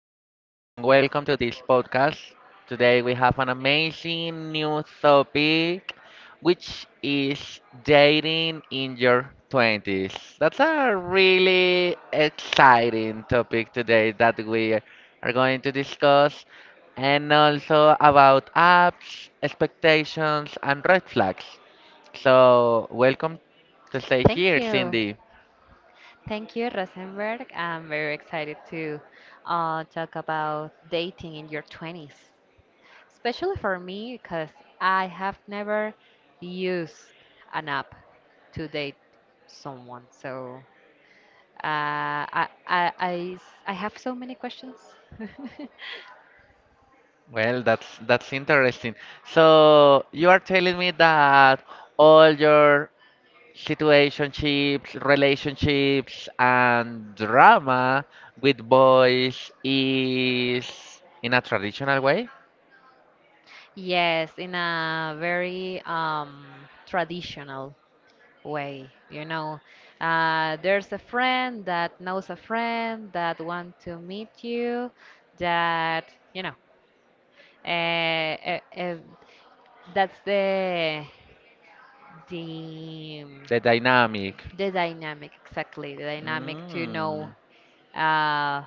welcome to this podcast. Today we have an amazing new topic, which is dating in your 20s. That's a really exciting topic today that we are going to discuss, and also about apps, expectations, and red flags. So, welcome to stay Thank here, you. Cindy. Thank you, Rosenberg. I'm very excited to talk about dating in your 20s, especially for me because I have never used an app to date someone. So uh, I, I, I s- I have so many questions. Well, that's interesting. So you are telling me that all your situationships, relationships, and drama with boys is in a traditional way? Yes, in a very traditional way. There's a friend that knows a friend that want to meet you, that you know uh, uh, uh, that's the the The dynamic. Dynamic. Exactly, the dynamic to know Mm. uh,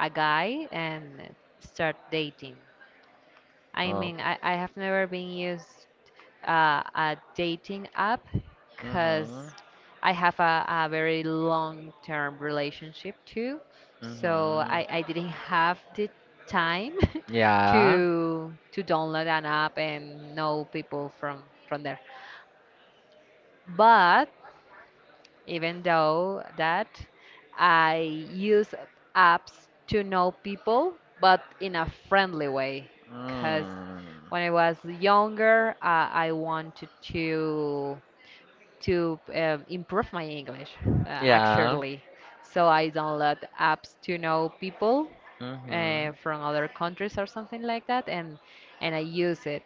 a guy and start dating. I Oh. mean, I have never been used a dating app hmm because I have a very long-term relationship too. So hmm I didn't have the time Yeah. to download an app and know people from there. But even though that I use apps to know people, but in a friendly way. Because Mm. when I was younger, I wanted to improve my English, Yeah. actually. So I download apps to know people hmm from other countries or something like that, and I use it,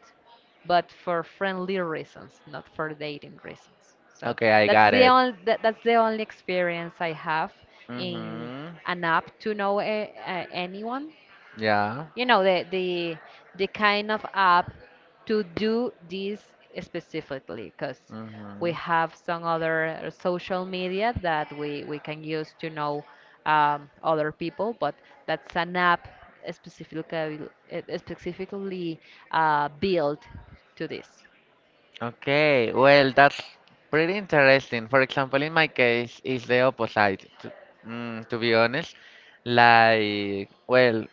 but for friendly reasons, not for dating reasons. So Okay, I got it. That's the only experience I have in Hmm an app to know anyone. Yeah. You know, the kind of app to do this specifically, because we hmm have some other social media that we can use to know other people, but that's an app specifically, eh, specifically built to this. Okay, well, that's pretty interesting. For example, in my case, it's the opposite, to, to be honest. Like, well,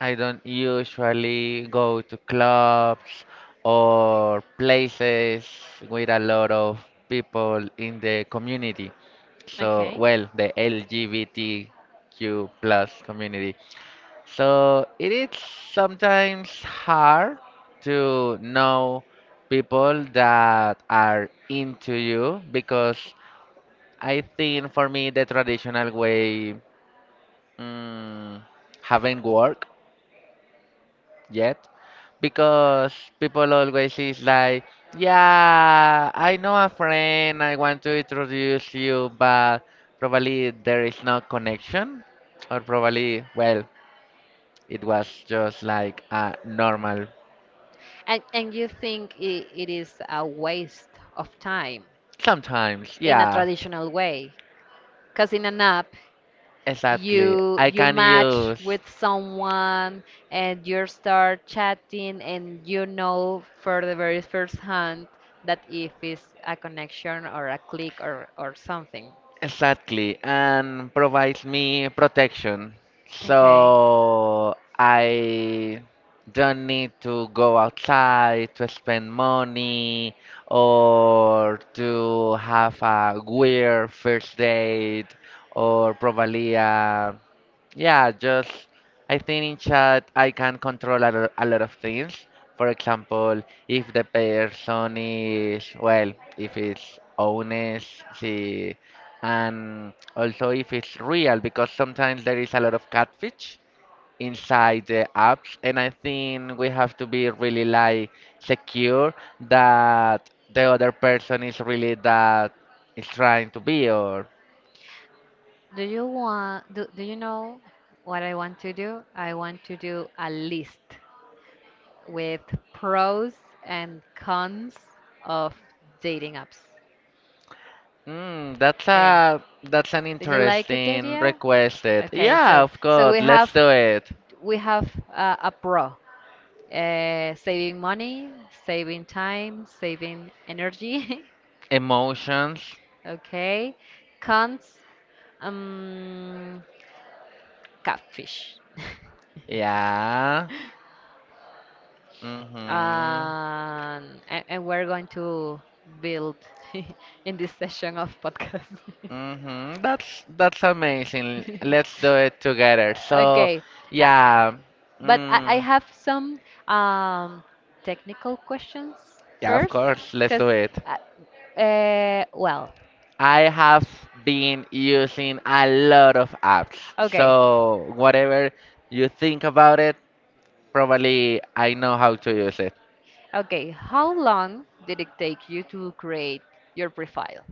I don't usually go to clubs or places with a lot of people in the community. So, Okay. well, the LGBTQ plus community. So it is sometimes hard to know people that are into you because I think for me the traditional way mm, haven't worked yet because people always is like, yeah, I know a friend, I want to introduce you, but probably there is no connection or probably well it was just like a normal And you think it is a waste of time, Sometimes, in a yeah, traditional way? Because in an app, exactly. you I you can match use. with someone and you start chatting and you know for the very first hand that if it's a connection, or a click, or something. Exactly, and provides me protection. Okay. So I don't need to go outside to spend money or to have a weird first date or probably yeah, just I think in chat I can control a lot of things. For example, if the person is well, if it's honest, she and also if it's real because sometimes there is a lot of catfish inside the apps and I think we have to be really like secure that the other person is really that is trying to be or Do you know what I want to do? I want to do a list with pros and cons of dating apps. mm, that's Okay. a that's an Did you like it, interesting Daria? requested, Okay, so yeah, of so we course, have let's do it. we have uh, a pro, saving money, saving time, saving energy. Emotions. Okay, cons, um, catfish, Yeah. Mm-hmm. And we're going to build in this session of podcast. Hmm. That's amazing. Let's do it together. So, Okay. Uh, yeah, but I mm, have some um, technical questions yeah, of first, course, let's because, do it. uh, well. I have been using a lot of apps. Okay, So, whatever you think about it, probably I know how to use it. okay. How long did it take you to create your profile?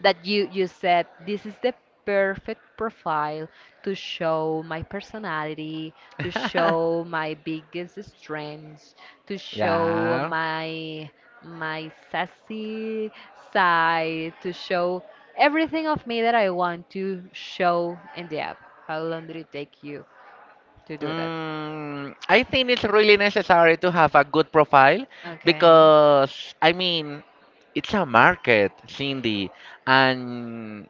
That you said, this is the perfect profile to show my personality, to show my biggest strengths, to show Yeah. my sassy side, to show everything of me that I want to show in the app. How long did it take you to do that? Mm, I think it's really necessary to have a good profile Okay. because, I mean, it's a market, Cindy, and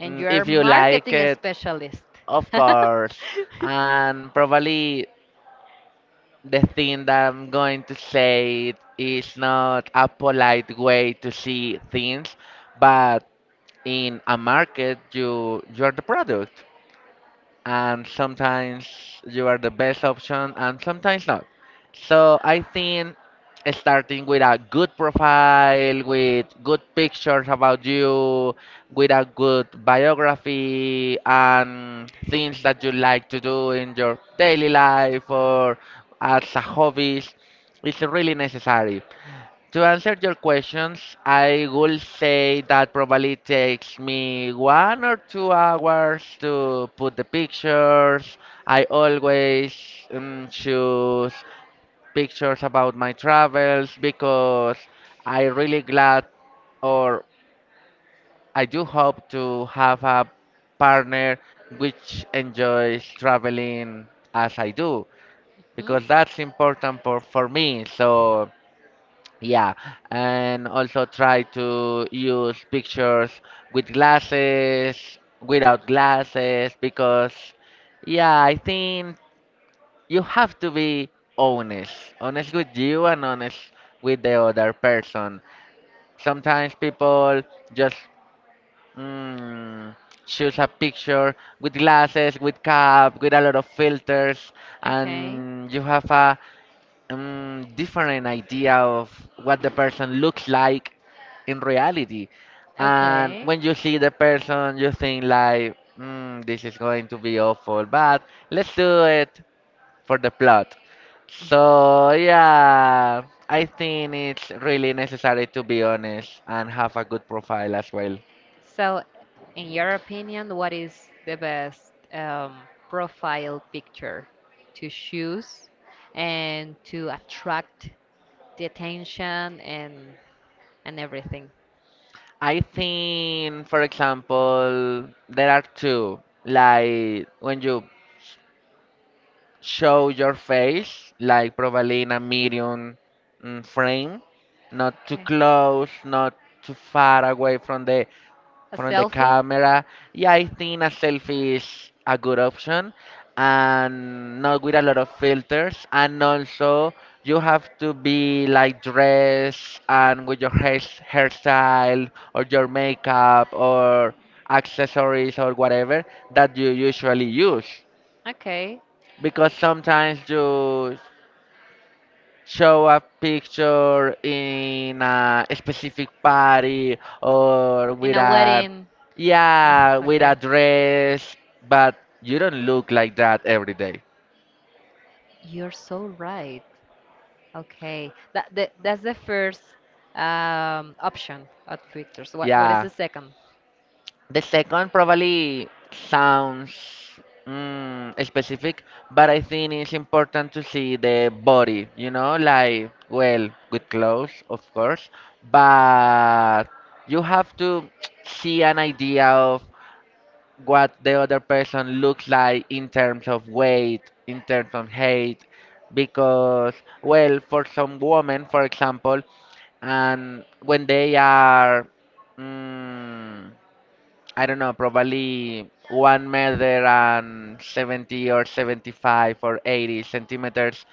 And mm, you're if you like marketing it, specialist. of course. And probably the thing that I'm going to say is not a polite way to see things, but in a market, you're the product and sometimes you are the best option and sometimes not. So I think starting with a good profile, with good pictures about you, with a good biography and things that you like to do in your daily life or as a hobby is really necessary. To answer your questions, I will say that probably takes me 1 or 2 hours to put the pictures. I always choose pictures about my travels because I really glad or I do hope to have a partner which enjoys traveling as I do Hmm? because that's important for me. So yeah, and also try to use pictures with glasses, without glasses, because, yeah, I think you have to be honest with you and honest with the other person. Sometimes people just mm, choose a picture with glasses, with cap, with a lot of filters, Okay. and you have a different idea of what the person looks like in reality. And Okay. when you see the person, you think like, mm, this is going to be awful, but let's do it for the plot. So yeah, I think it's really necessary to be honest and have a good profile as well. So, in your opinion, what is the best profile picture to choose and to attract the attention, and everything? I think, for example, there are two. Like when you show your face, like probably in a medium frame, not too Okay. close, not too far away from the A from the selfie? camera. Yeah, I think a selfie is a good option, and not with a lot of filters. And also, you have to be like dressed and with your hairstyle or your makeup or accessories or whatever that you usually use Okay. because sometimes you show a picture in a specific party or In with a a wedding. Yeah. Ah, yeah with okay. a dress but you don't look like that every day. You're so right. Okay. That's the first option of filters. What is the, Yeah. yeah, second? The second probably sounds specific, but I think it's important to see the body, you know, like, well, with clothes, of course, but you have to see an idea of what the other person looks like in terms of weight, in terms of height, because, well, for some women, for example, and when they are. Mm, I don't know, probably 1 meter and 70 or 75 or 80 centimeters.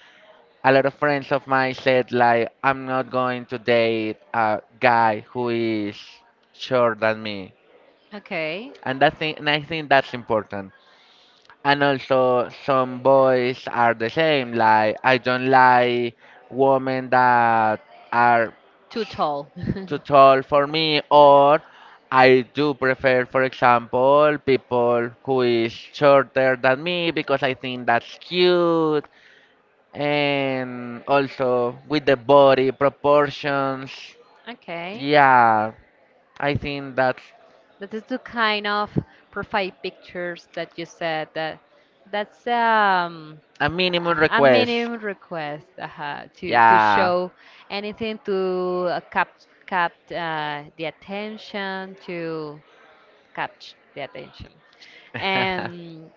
A lot of friends of mine said, like, I'm not going to date a guy who is short than me. Okay. And, that thing, and I think that's important. And also, some boys are the same. Like, I don't like women that are Too tall. too Too. tall for me, or I do prefer, for example, people who is shorter than me because I think that's cute. And also with the body proportions. Okay. Yeah, I think that's That is the kind of profile pictures that you said that's a minimum a request. minimum request, to Yeah. show anything, to cap cap the attention to catch the attention. And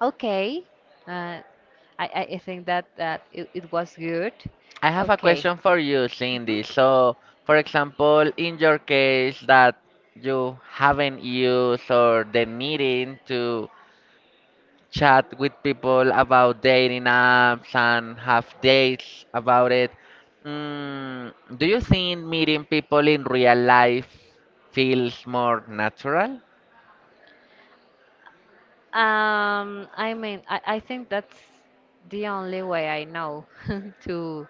okay, uh, I think that it was good. I have a Okay. question for you, Mhm. Cindy. So, for example, in your case that you haven't used or the needing to chat with people about dating apps and have dates about it. Mm, do you think meeting people in real life feels more natural? I mean, I think that's the only way I know to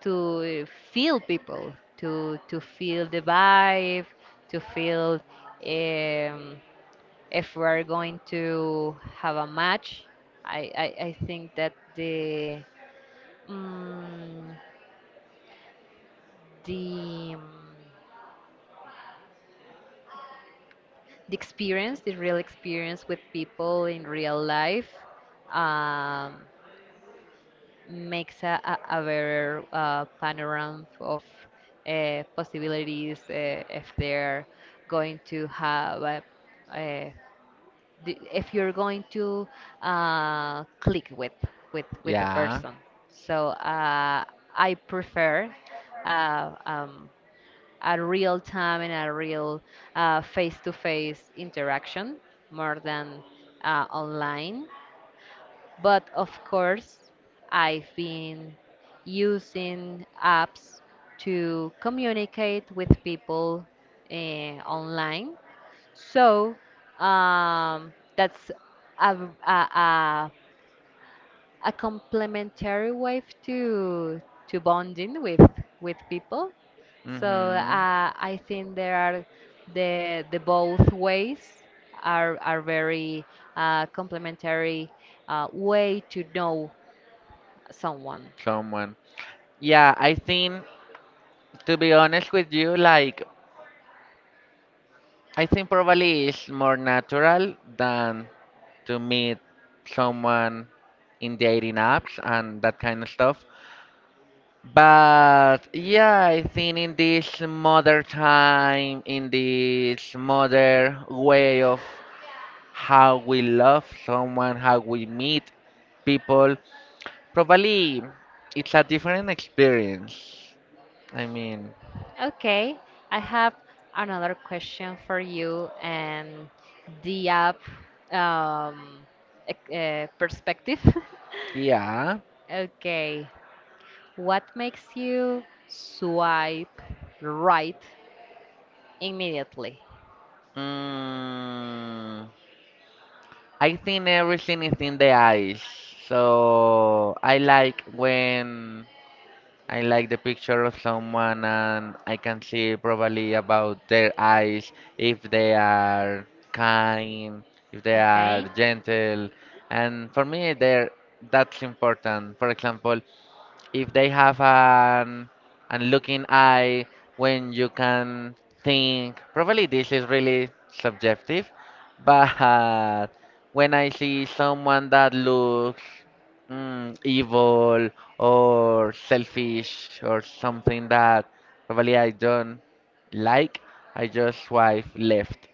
to feel people, to feel the vibe, to feel um, if we're going to have a match. I think that mm, the um, the experience, the real experience with people in real life, Um, makes a better panorama of possibilities, if they're going to have a, the- if you're going to click with the Yeah. person. So I prefer uh, um, a real time and a real face-to-face interaction more than online. But of course, I've been using apps to communicate with people online. So that's a, a, a, a complementary way to bonding with people. So Mm-hmm. I think there are the both ways are very complementary way to know someone. Someone. Yeah, I think, to be honest with you, like, I think probably it's more natural than to meet someone in dating apps and that kind of stuff. But yeah, I think in this modern time, in this modern way of how we love someone, how we meet people, probably it's a different experience. I mean, Okay, I have another question for you. And the app, um, perspective. yeah. Okay, what makes you swipe right immediately? Mm, I think everything is in the eyes. So I like when I like the picture of someone and I can see probably about their eyes, if they are kind, if they are Okay. gentle. And for me, there that's important. For example, if they have an looking eye when you can think probably this is really subjective but when I see someone that looks evil or selfish or something that probably I don't like I just swipe left.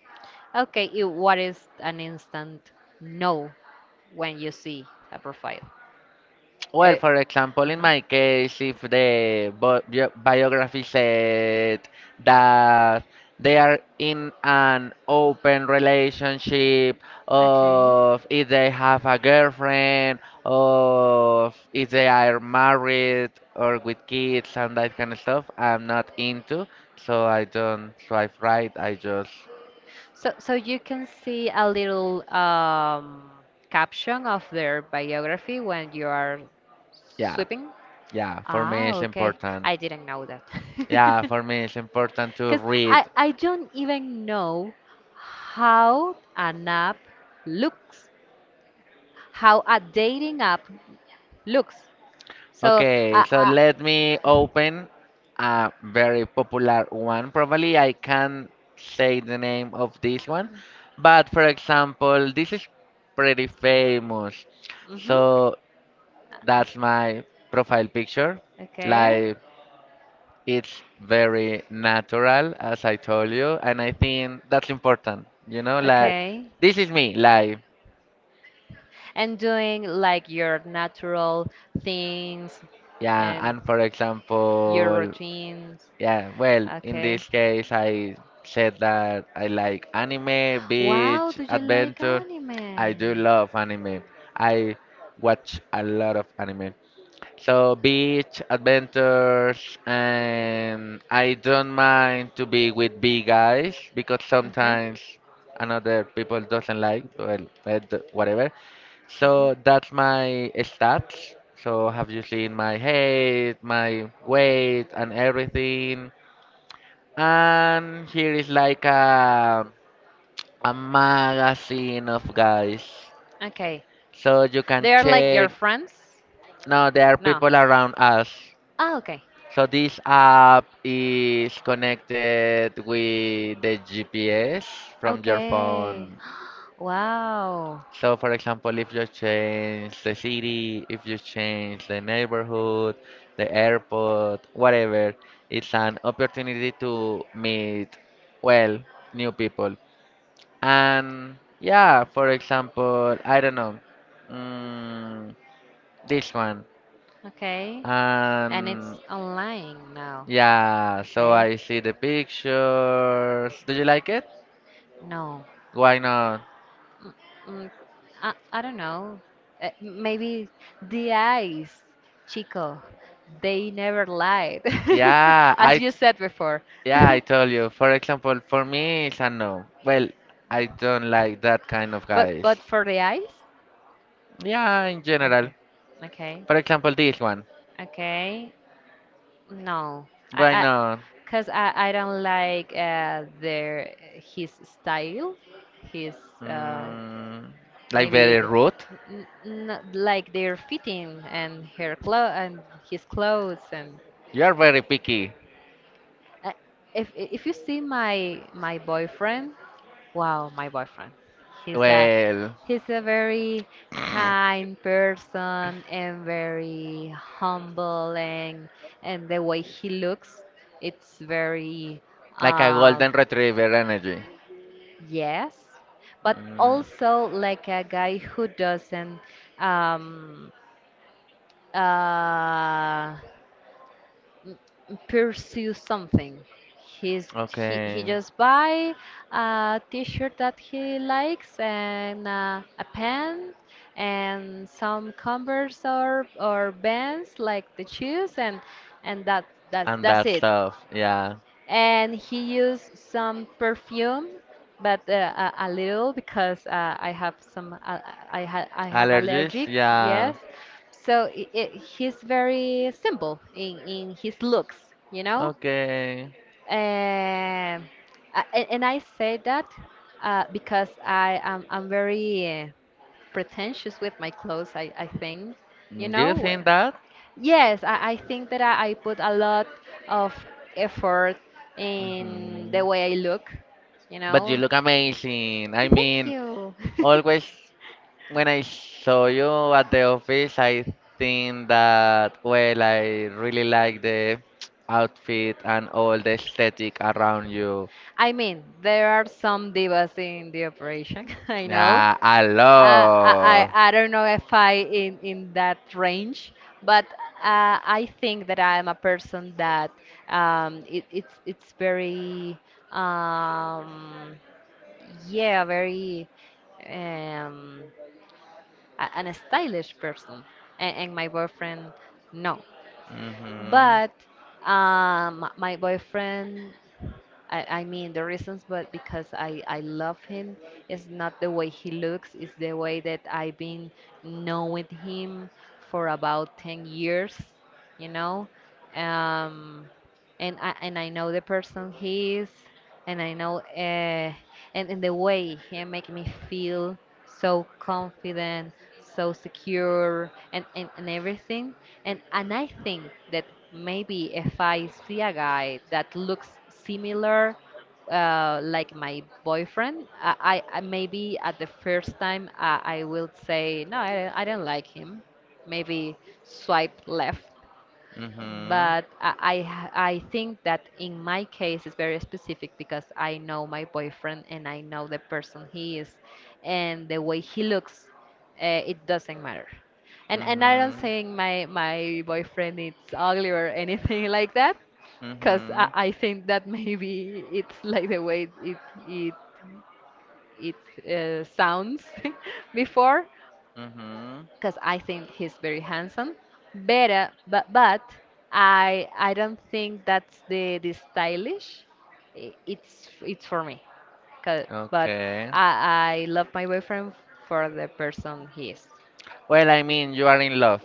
Okay, what is an instant no when you see a profile? Well, Eh, for example, in uh-huh. my case, if the biography said that they are in an open relationship, Okay. of if they have a girlfriend, of if they are married or with kids and that kind of stuff, I'm not into, so I don't swipe right. I just, So you can see a little caption of their biography when you are yeah, sweeping? Yes. yeah. For Ah, me, it's yes, okay. important. I didn't know that. Yeah, for me, it's important to Because read. I don't even know how an app looks, how a dating app looks. So, Okay, uh, so uh, let me open a very popular one. Probably I can't say the name of this one, but for example, this is pretty famous. mhm. So that's my profile picture. Okay. Like it's very natural, as I told you, and I think that's important. You know, like Okay. this is me, like And doing, like, your natural things, yeah, and for example, routines. yeah, well, in this case, I said that I like anime, beach, adventure. I do love anime. I watch a lot of anime. So, beach, adventures, and I don't mind to be with big guys because sometimes another people doesn't like, well, whatever. So that's my stats. So have you seen my height, my weight, and everything? And here is like a magazine of guys. Okay. So you can check. Friends? No, there are people around us. Ah, okay. So this app is connected with the GPS from your Okay. phone. Wow. So for example, if you change the city, if you change the neighborhood, the airport, whatever, it's an opportunity to meet, well, new people. And yeah, for example, I don't know, mm, this one. Okay. And it's And online now. yeah, so I Okay. see the pictures. Do you like it? No. Why not? Mm, mm, I don't know. Maybe the eyes, Chico, they never lied. Yeah, Yeah, as I t- you said before. yeah, I told you. For example, for me, it's a no. Well, I don't like that kind of But guys. but for the eyes? Yeah, in general. Okay. For example, Okay. this one. Okay. No. I, Why Why I, not? cause I don't like their his style, his uh, Mm, like maybe very the, rude. n- n- like their fitting and her clo and his clothes, and You are very picky. uh, if you see my boyfriend. Wow, my boyfriend. He's a Well, he's a very kind person and very humble, and the way he looks, it's very like a um golden retriever energy. yes, but Mm. also like a guy who doesn't um uh pursue something. He's he Okay. just buy a t-shirt that he likes, and a pen, and some Converse or Vans, like the shoes, and and that that's And that's that it. stuff. Yeah. And he used some perfume, but a little because I have Allergies. allergic, Yeah. yes. So he's very simple in his looks, you know? Okay. Um, and I say that because I'm very pretentious with my clothes. I think, you Mm, do you know. uh, think that? Yes, I think that I put a lot of effort in Mhm. the way I look, you But you know. look amazing. I Thank mean, you. always when I saw you at the office, I think that, well, I really like the outfit and all the aesthetic around you. I mean, there are some divas in the operation. I know. Yeah, I Uh, I, love. I I don't know if I in that range, but I think that I am a person that it's very um, yeah, very um, an stylish person, and my boyfriend, no, Mhm. but my boyfriend, I mean the reasons but because I love him. It's not the way he looks, it's the way that I've been knowing him for about 10 years you know um, and I know the person he is, and I know, and in the way he make me feel so confident, so secure, and everything. And I think that maybe if I see a guy that looks similar, like my boyfriend, maybe at the first time I will say no, I don't like him. Maybe swipe left, Mm-hmm. but I think that in my case it's very specific, because I know my boyfriend and I know the person he is, and the way he looks, it doesn't matter. And I don't Mm-hmm. saying my boyfriend is ugly or anything like that, because I, Mm-hmm. I think that maybe it's like the way it it sounds before, Mm-hmm. because I think he's very handsome. Better, but I don't think that's the stylish. It's for me. 'Cause- But Okay. I I love my boyfriend for the person he is. Well, I mean, you are in love.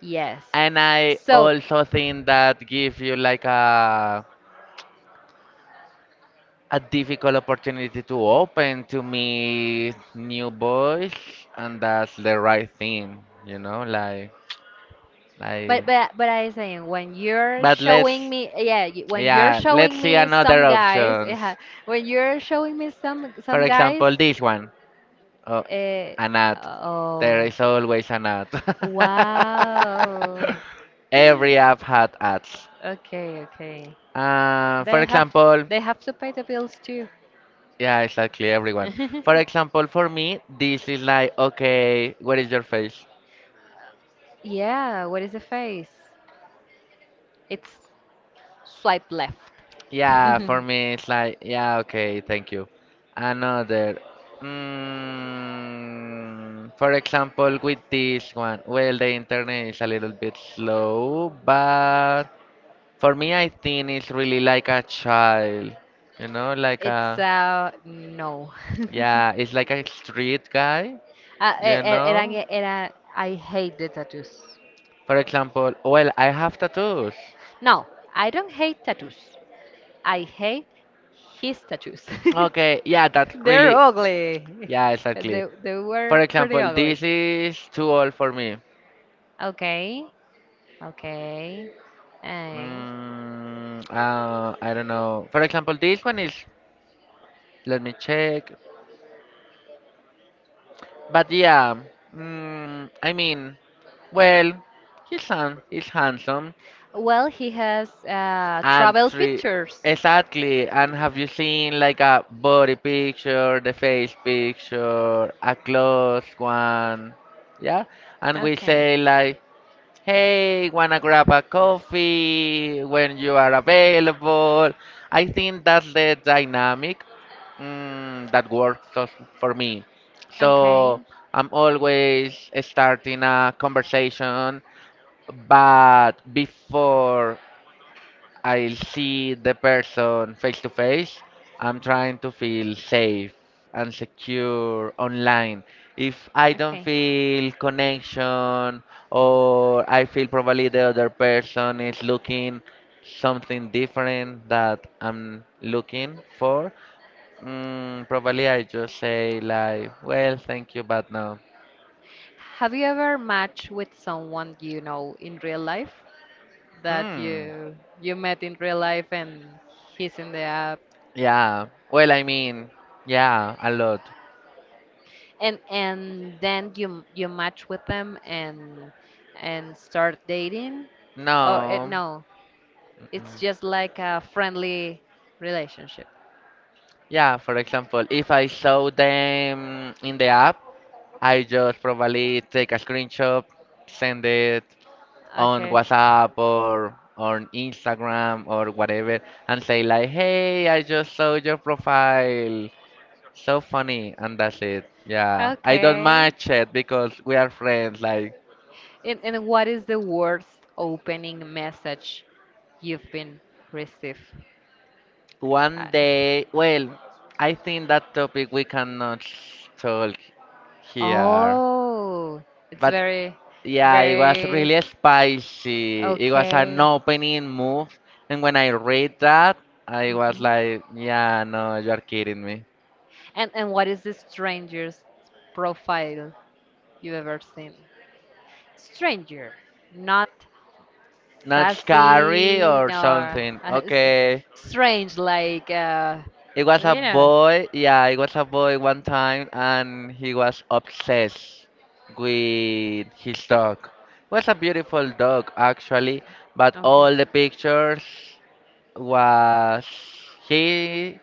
Yes. And I So, also think that give you like a difficult opportunity to open to meet new boys, and that's the right thing, you know, like but like. but but I saying, But let's when you're yeah, let's showing see me another some guys, options. yeah, when you're showing me some For some guys. example, this one. Oh, Eh, an ad. oh. There is always an ad. Every app had ads. Okay, okay. For example, They have to pay the bills too. yeah, exactly, everyone. For example, for me, this is like, okay, what is your face? Yeah, what is the face? It's swipe left. Yeah, for me, it's like, yeah, okay, thank you. Another. Mm, for example, with this one, well, the internet is a little bit slow, but for me, I think it's really like a child, you know, like It's a, no. yeah, it's like a street guy, you And, know? know? And I hate the tattoos. For example, well, I have tattoos. No, I don't hate tattoos. I hate his tattoos. Okay, yeah, that's They're true, really, ugly, yeah, yeah. exactly. They For For were pretty example, example, ugly. this is too old for me. Okay, okay. Eh. I don't know. For example, this one is, let me check. But yeah, I mean, well, his son is handsome Well, he has and three, pictures. exactly. And have you seen like a body picture, the face picture, a close one? Yeah, and we say like. Hey, wanna grab a coffee when you are available? I think that's the dynamic mm, that works us- for me. So I'm always starting a conversation, but before I'll see the person face to face. I'm trying to feel safe and secure online. If I don't feel connection or I feel probably the other person is looking something different that I'm looking for, probably I just say like, well, thank you, but no. Have you ever matched with someone you know in real life? That Hmm. you met in real life and he's in the app, Yeah. Well, I mean, yeah, a lot. and then you match with them, and start dating. Oh, No. no, it's Mm-mm. just like a friendly relationship. Yeah, for example, if I saw them in the app, I just probably take a screenshot, send it on Okay, WhatsApp or on Instagram or whatever, and say like, "Hey, I just saw your profile. So funny." And that's it. Yeah, I don't okay, match it because we are like. friends. Like And what is the worst opening message you've been received? one Uh, day, well, I think that topic we cannot talk here. oh, it's But very, yeah, it was really very. spicy. It was Okay. an opening move, and when I read that, I was Mhm. like, yeah, no, you're kidding me. And what is the strangest profile you ever seen? Stranger, not Not sassy scary or nor something. Okay. strange, like, It was a you know. boy, yeah, it was a boy one time, and he was obsessed with his dog. It was a beautiful dog, actually, but all the pictures was he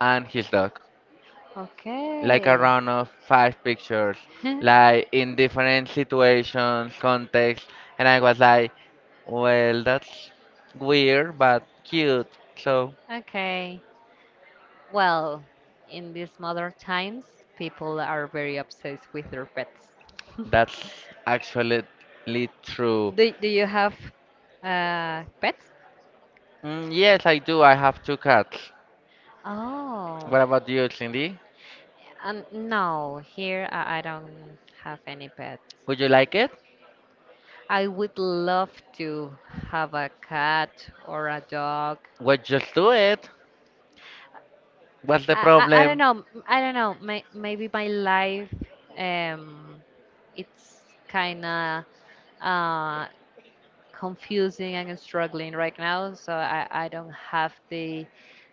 and his dog. Like a Okay. run of five pictures, like in different situations, context, and I was like, well, that's weird but cute. So Okay. Well, in these modern times, people are very obsessed with their pets. that's actually true. Do you have pets? Yes, I do. I have two cats. Oh. What about you, Cindy? No, here I don't have any pet. Would you like it? I would love to have a cat or a dog. Well, just do it. What's the I don't problem? know. I don't know. Maybe my life, um, it's kind of uh, confusing and struggling right now. So I don't have the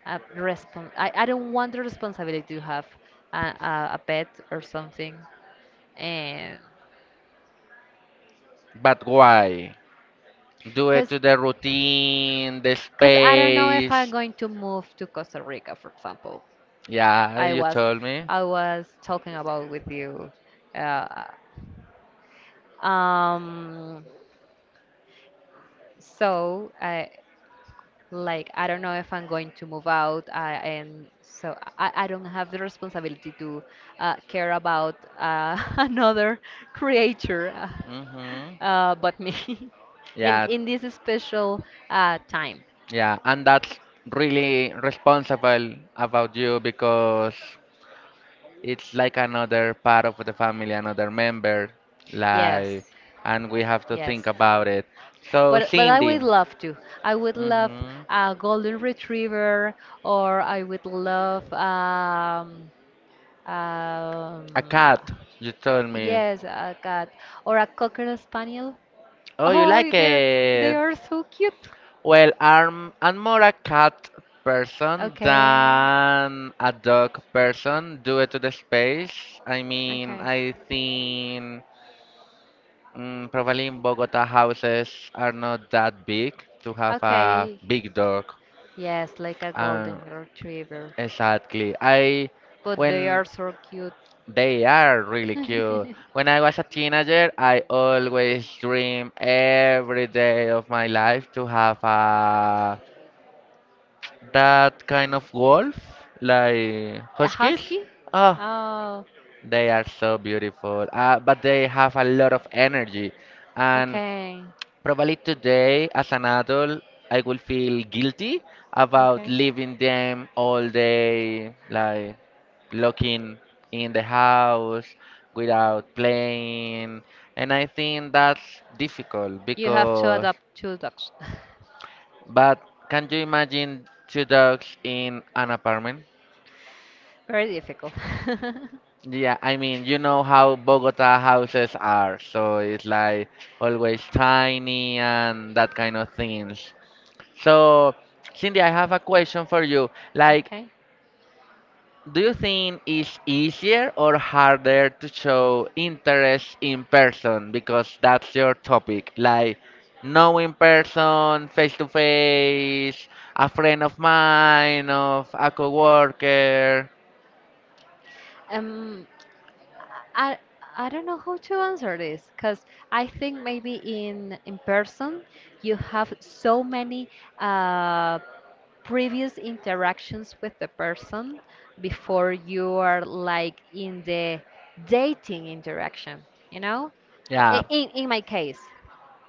respon I don't want the responsibility to have a pet or something. And But why? Do it Because to the routine, the Because I don't know if I'm space. going to move to Costa Rica, for example. Yeah, I you was told me. I was talking about with you. Uh, um, so I like I don't know if I'm going to move out. I and so I don't have the responsibility to care about another creature Hmm. But me in Yeah, Yeah. In this special time. yeah, and that's really responsible about you because it's like another part of the family, another member, like, Yes. and we have to Yes. think about it. So, But Okay. but I would Cindy, love to. I would love hmm, a golden retriever, or I would love a a cat, cat, you told me. yes, a cat or a cocker spaniel. Oh, Oh. you Oh, like like they're they it? are so cute. Well. Well, I'm more a cat person Okay. than a dog person due to the space. I mean, Okay. I think probably in Bogota houses are not that big to have a Okay. big dog. Yes, like a Um, golden retriever. exactly. I But they when are so cute. they are really cute. When I was a teenager, I always dream every day of my life to have a that kind of wolf, like A huskies. husky? Oh, Oh, they are so beautiful, but they have a lot of energy. And okay. probably today, as an adult, I will feel guilty about Okay. leaving them all day, like looking in the house without playing. And I think that's difficult You have to because, adapt to dogs. but can you imagine two dogs in an apartment? Very difficult. like Yeah, I mean, you know how Bogota houses are, so it's like always tiny and that kind of things. So, Cindy, I have a question for you. Like, Okay. do you think it's easier or harder to show interest in person? Because that's your topic. Like, know in person, face to face, a friend of mine, of a coworker. Um, I I don't know how to answer this because I think maybe in person you have so many uh, previous interactions with the person before you are like in the dating interaction, you know? C- yeah Yeah. i- In in my case,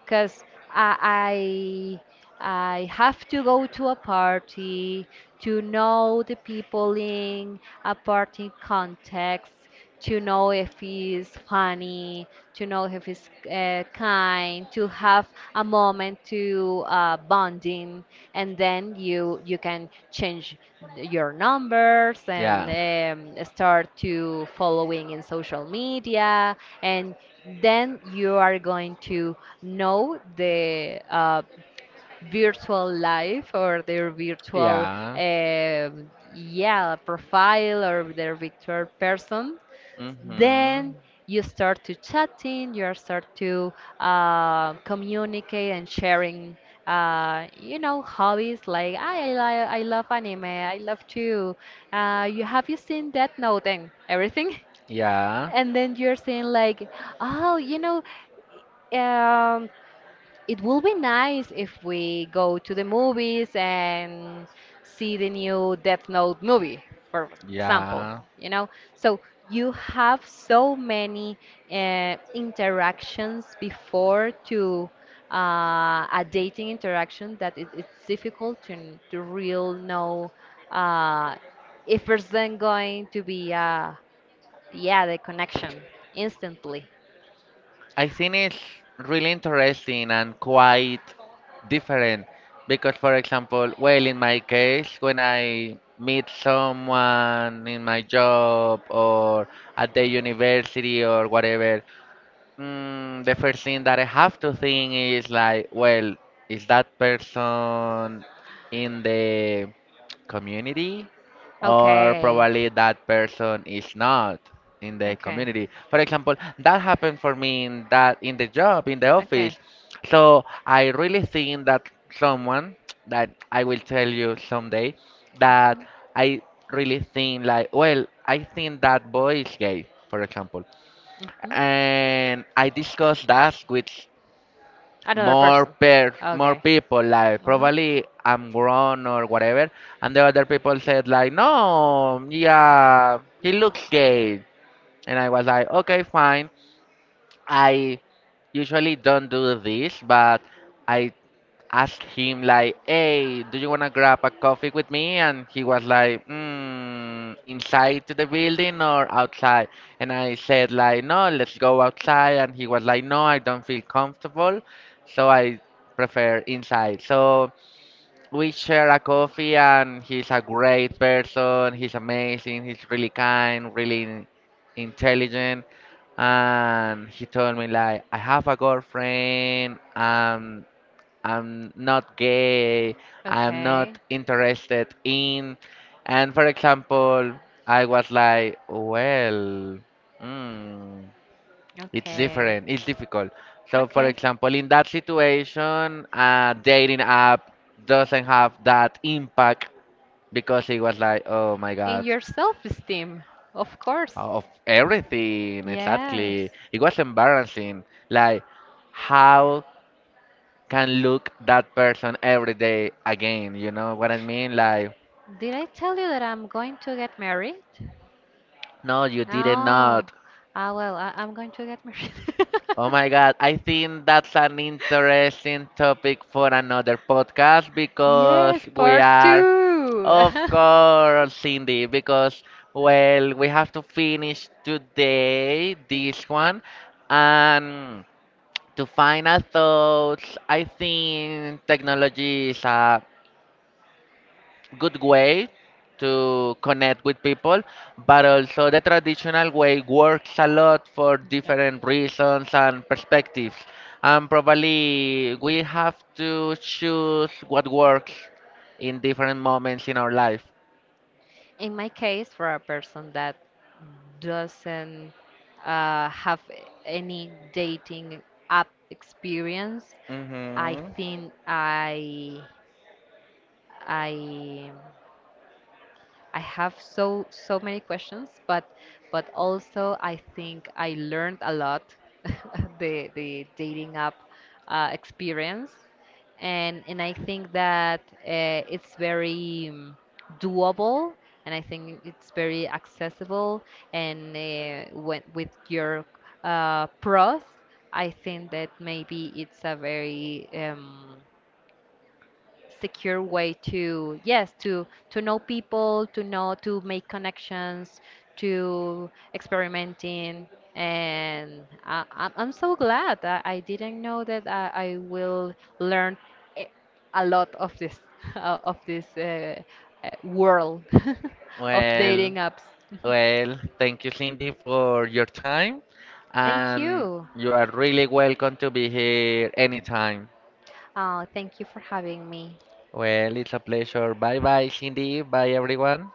because I, I have to go to a party to know the people in a party context, to know if he's funny, to know if he's kind, to have a moment to bonding, and then you can change your numbers and Yeah. Start to following in social media, and then you are going to know the virtual life or their virtual Yeah. um yeah profile or their virtual person, then Mhm. you start to chatting, you start to communicate and sharing you know, hobbies like I love anime. I love to, you have you seen Death Note and everything? Yeah. And then you're saying like, oh, you know, um it will be nice if we go to the movies and see the new Death Note movie, for example, Yeah, you know? So you have so many interactions before to a dating interaction that it's difficult to real know, uh, if there's then going to be, yeah, the connection instantly. I think it's really interesting and quite different because, for example, well, in my case, when I meet someone in my job or at the university or whatever, the first thing that I have to think is like, well, is that person in the community or Okay. probably that person is not in the Okay. community. For example, that happened for me in that in the job, in the Okay. office. So I really think that someone that I will tell you someday that I really think like well I think that boy is gay, for example. Mhm, mhm. And I discussed that with Another person. More Okay. people like Mhm. probably I'm grown or whatever and the other people said like no yeah he looks gay and I was like okay fine I usually don't do this but I asked him like, "Hey, do you wanna grab a coffee with me?" And he was like, "Inside to the building or outside?" And I said like, "No, let's go outside." And he was like, "No, I don't feel comfortable, so I prefer inside." So we share a coffee, and he's a great person. He's amazing. He's really kind, really intelligent. And he told me like, "I have a girlfriend." I'm not Okay. gay, I'm not interested in. And for example, I was like, well, mm, it's Okay. different, it's difficult. So, for Okay. example, in that situation, a dating app doesn't have that impact because it was like, oh my In God, your self-esteem, of course. of everything, exactly. Yes. It was embarrassing. Like, how can look that person every day again. You know what I mean? Like, Did I tell you that I'm going to get married? No. no, you didn't No. not. Ah, well, I'm going to get married. Oh my God, I think that's an interesting topic for another podcast because Yes, we part are, two. of course, Cindy, because, well, we have to finish today this one. And to final thoughts, I think technology is a good way to connect with people, but also the traditional way works a lot for different reasons and perspectives. And probably we have to choose what works in different moments in our life. In my case, for a person that doesn't have any dating app experience, I Hmm. hmm think I I have so many questions, but also I think I learned a lot the dating app experience, and I think that it's very doable, and I think it's very accessible, and with your pros, I think that maybe it's a very secure way to, yes, to know people, to know, to make connections, to experimenting. And I'm so glad that I didn't know that I will learn a a lot of this of this world of Well, dating apps. well, thank you, Cindy, for your time, Thank and you. you are really welcome to be here anytime. Thank you for having me. Well, it's a pleasure. Bye bye, Cindy. Bye, everyone.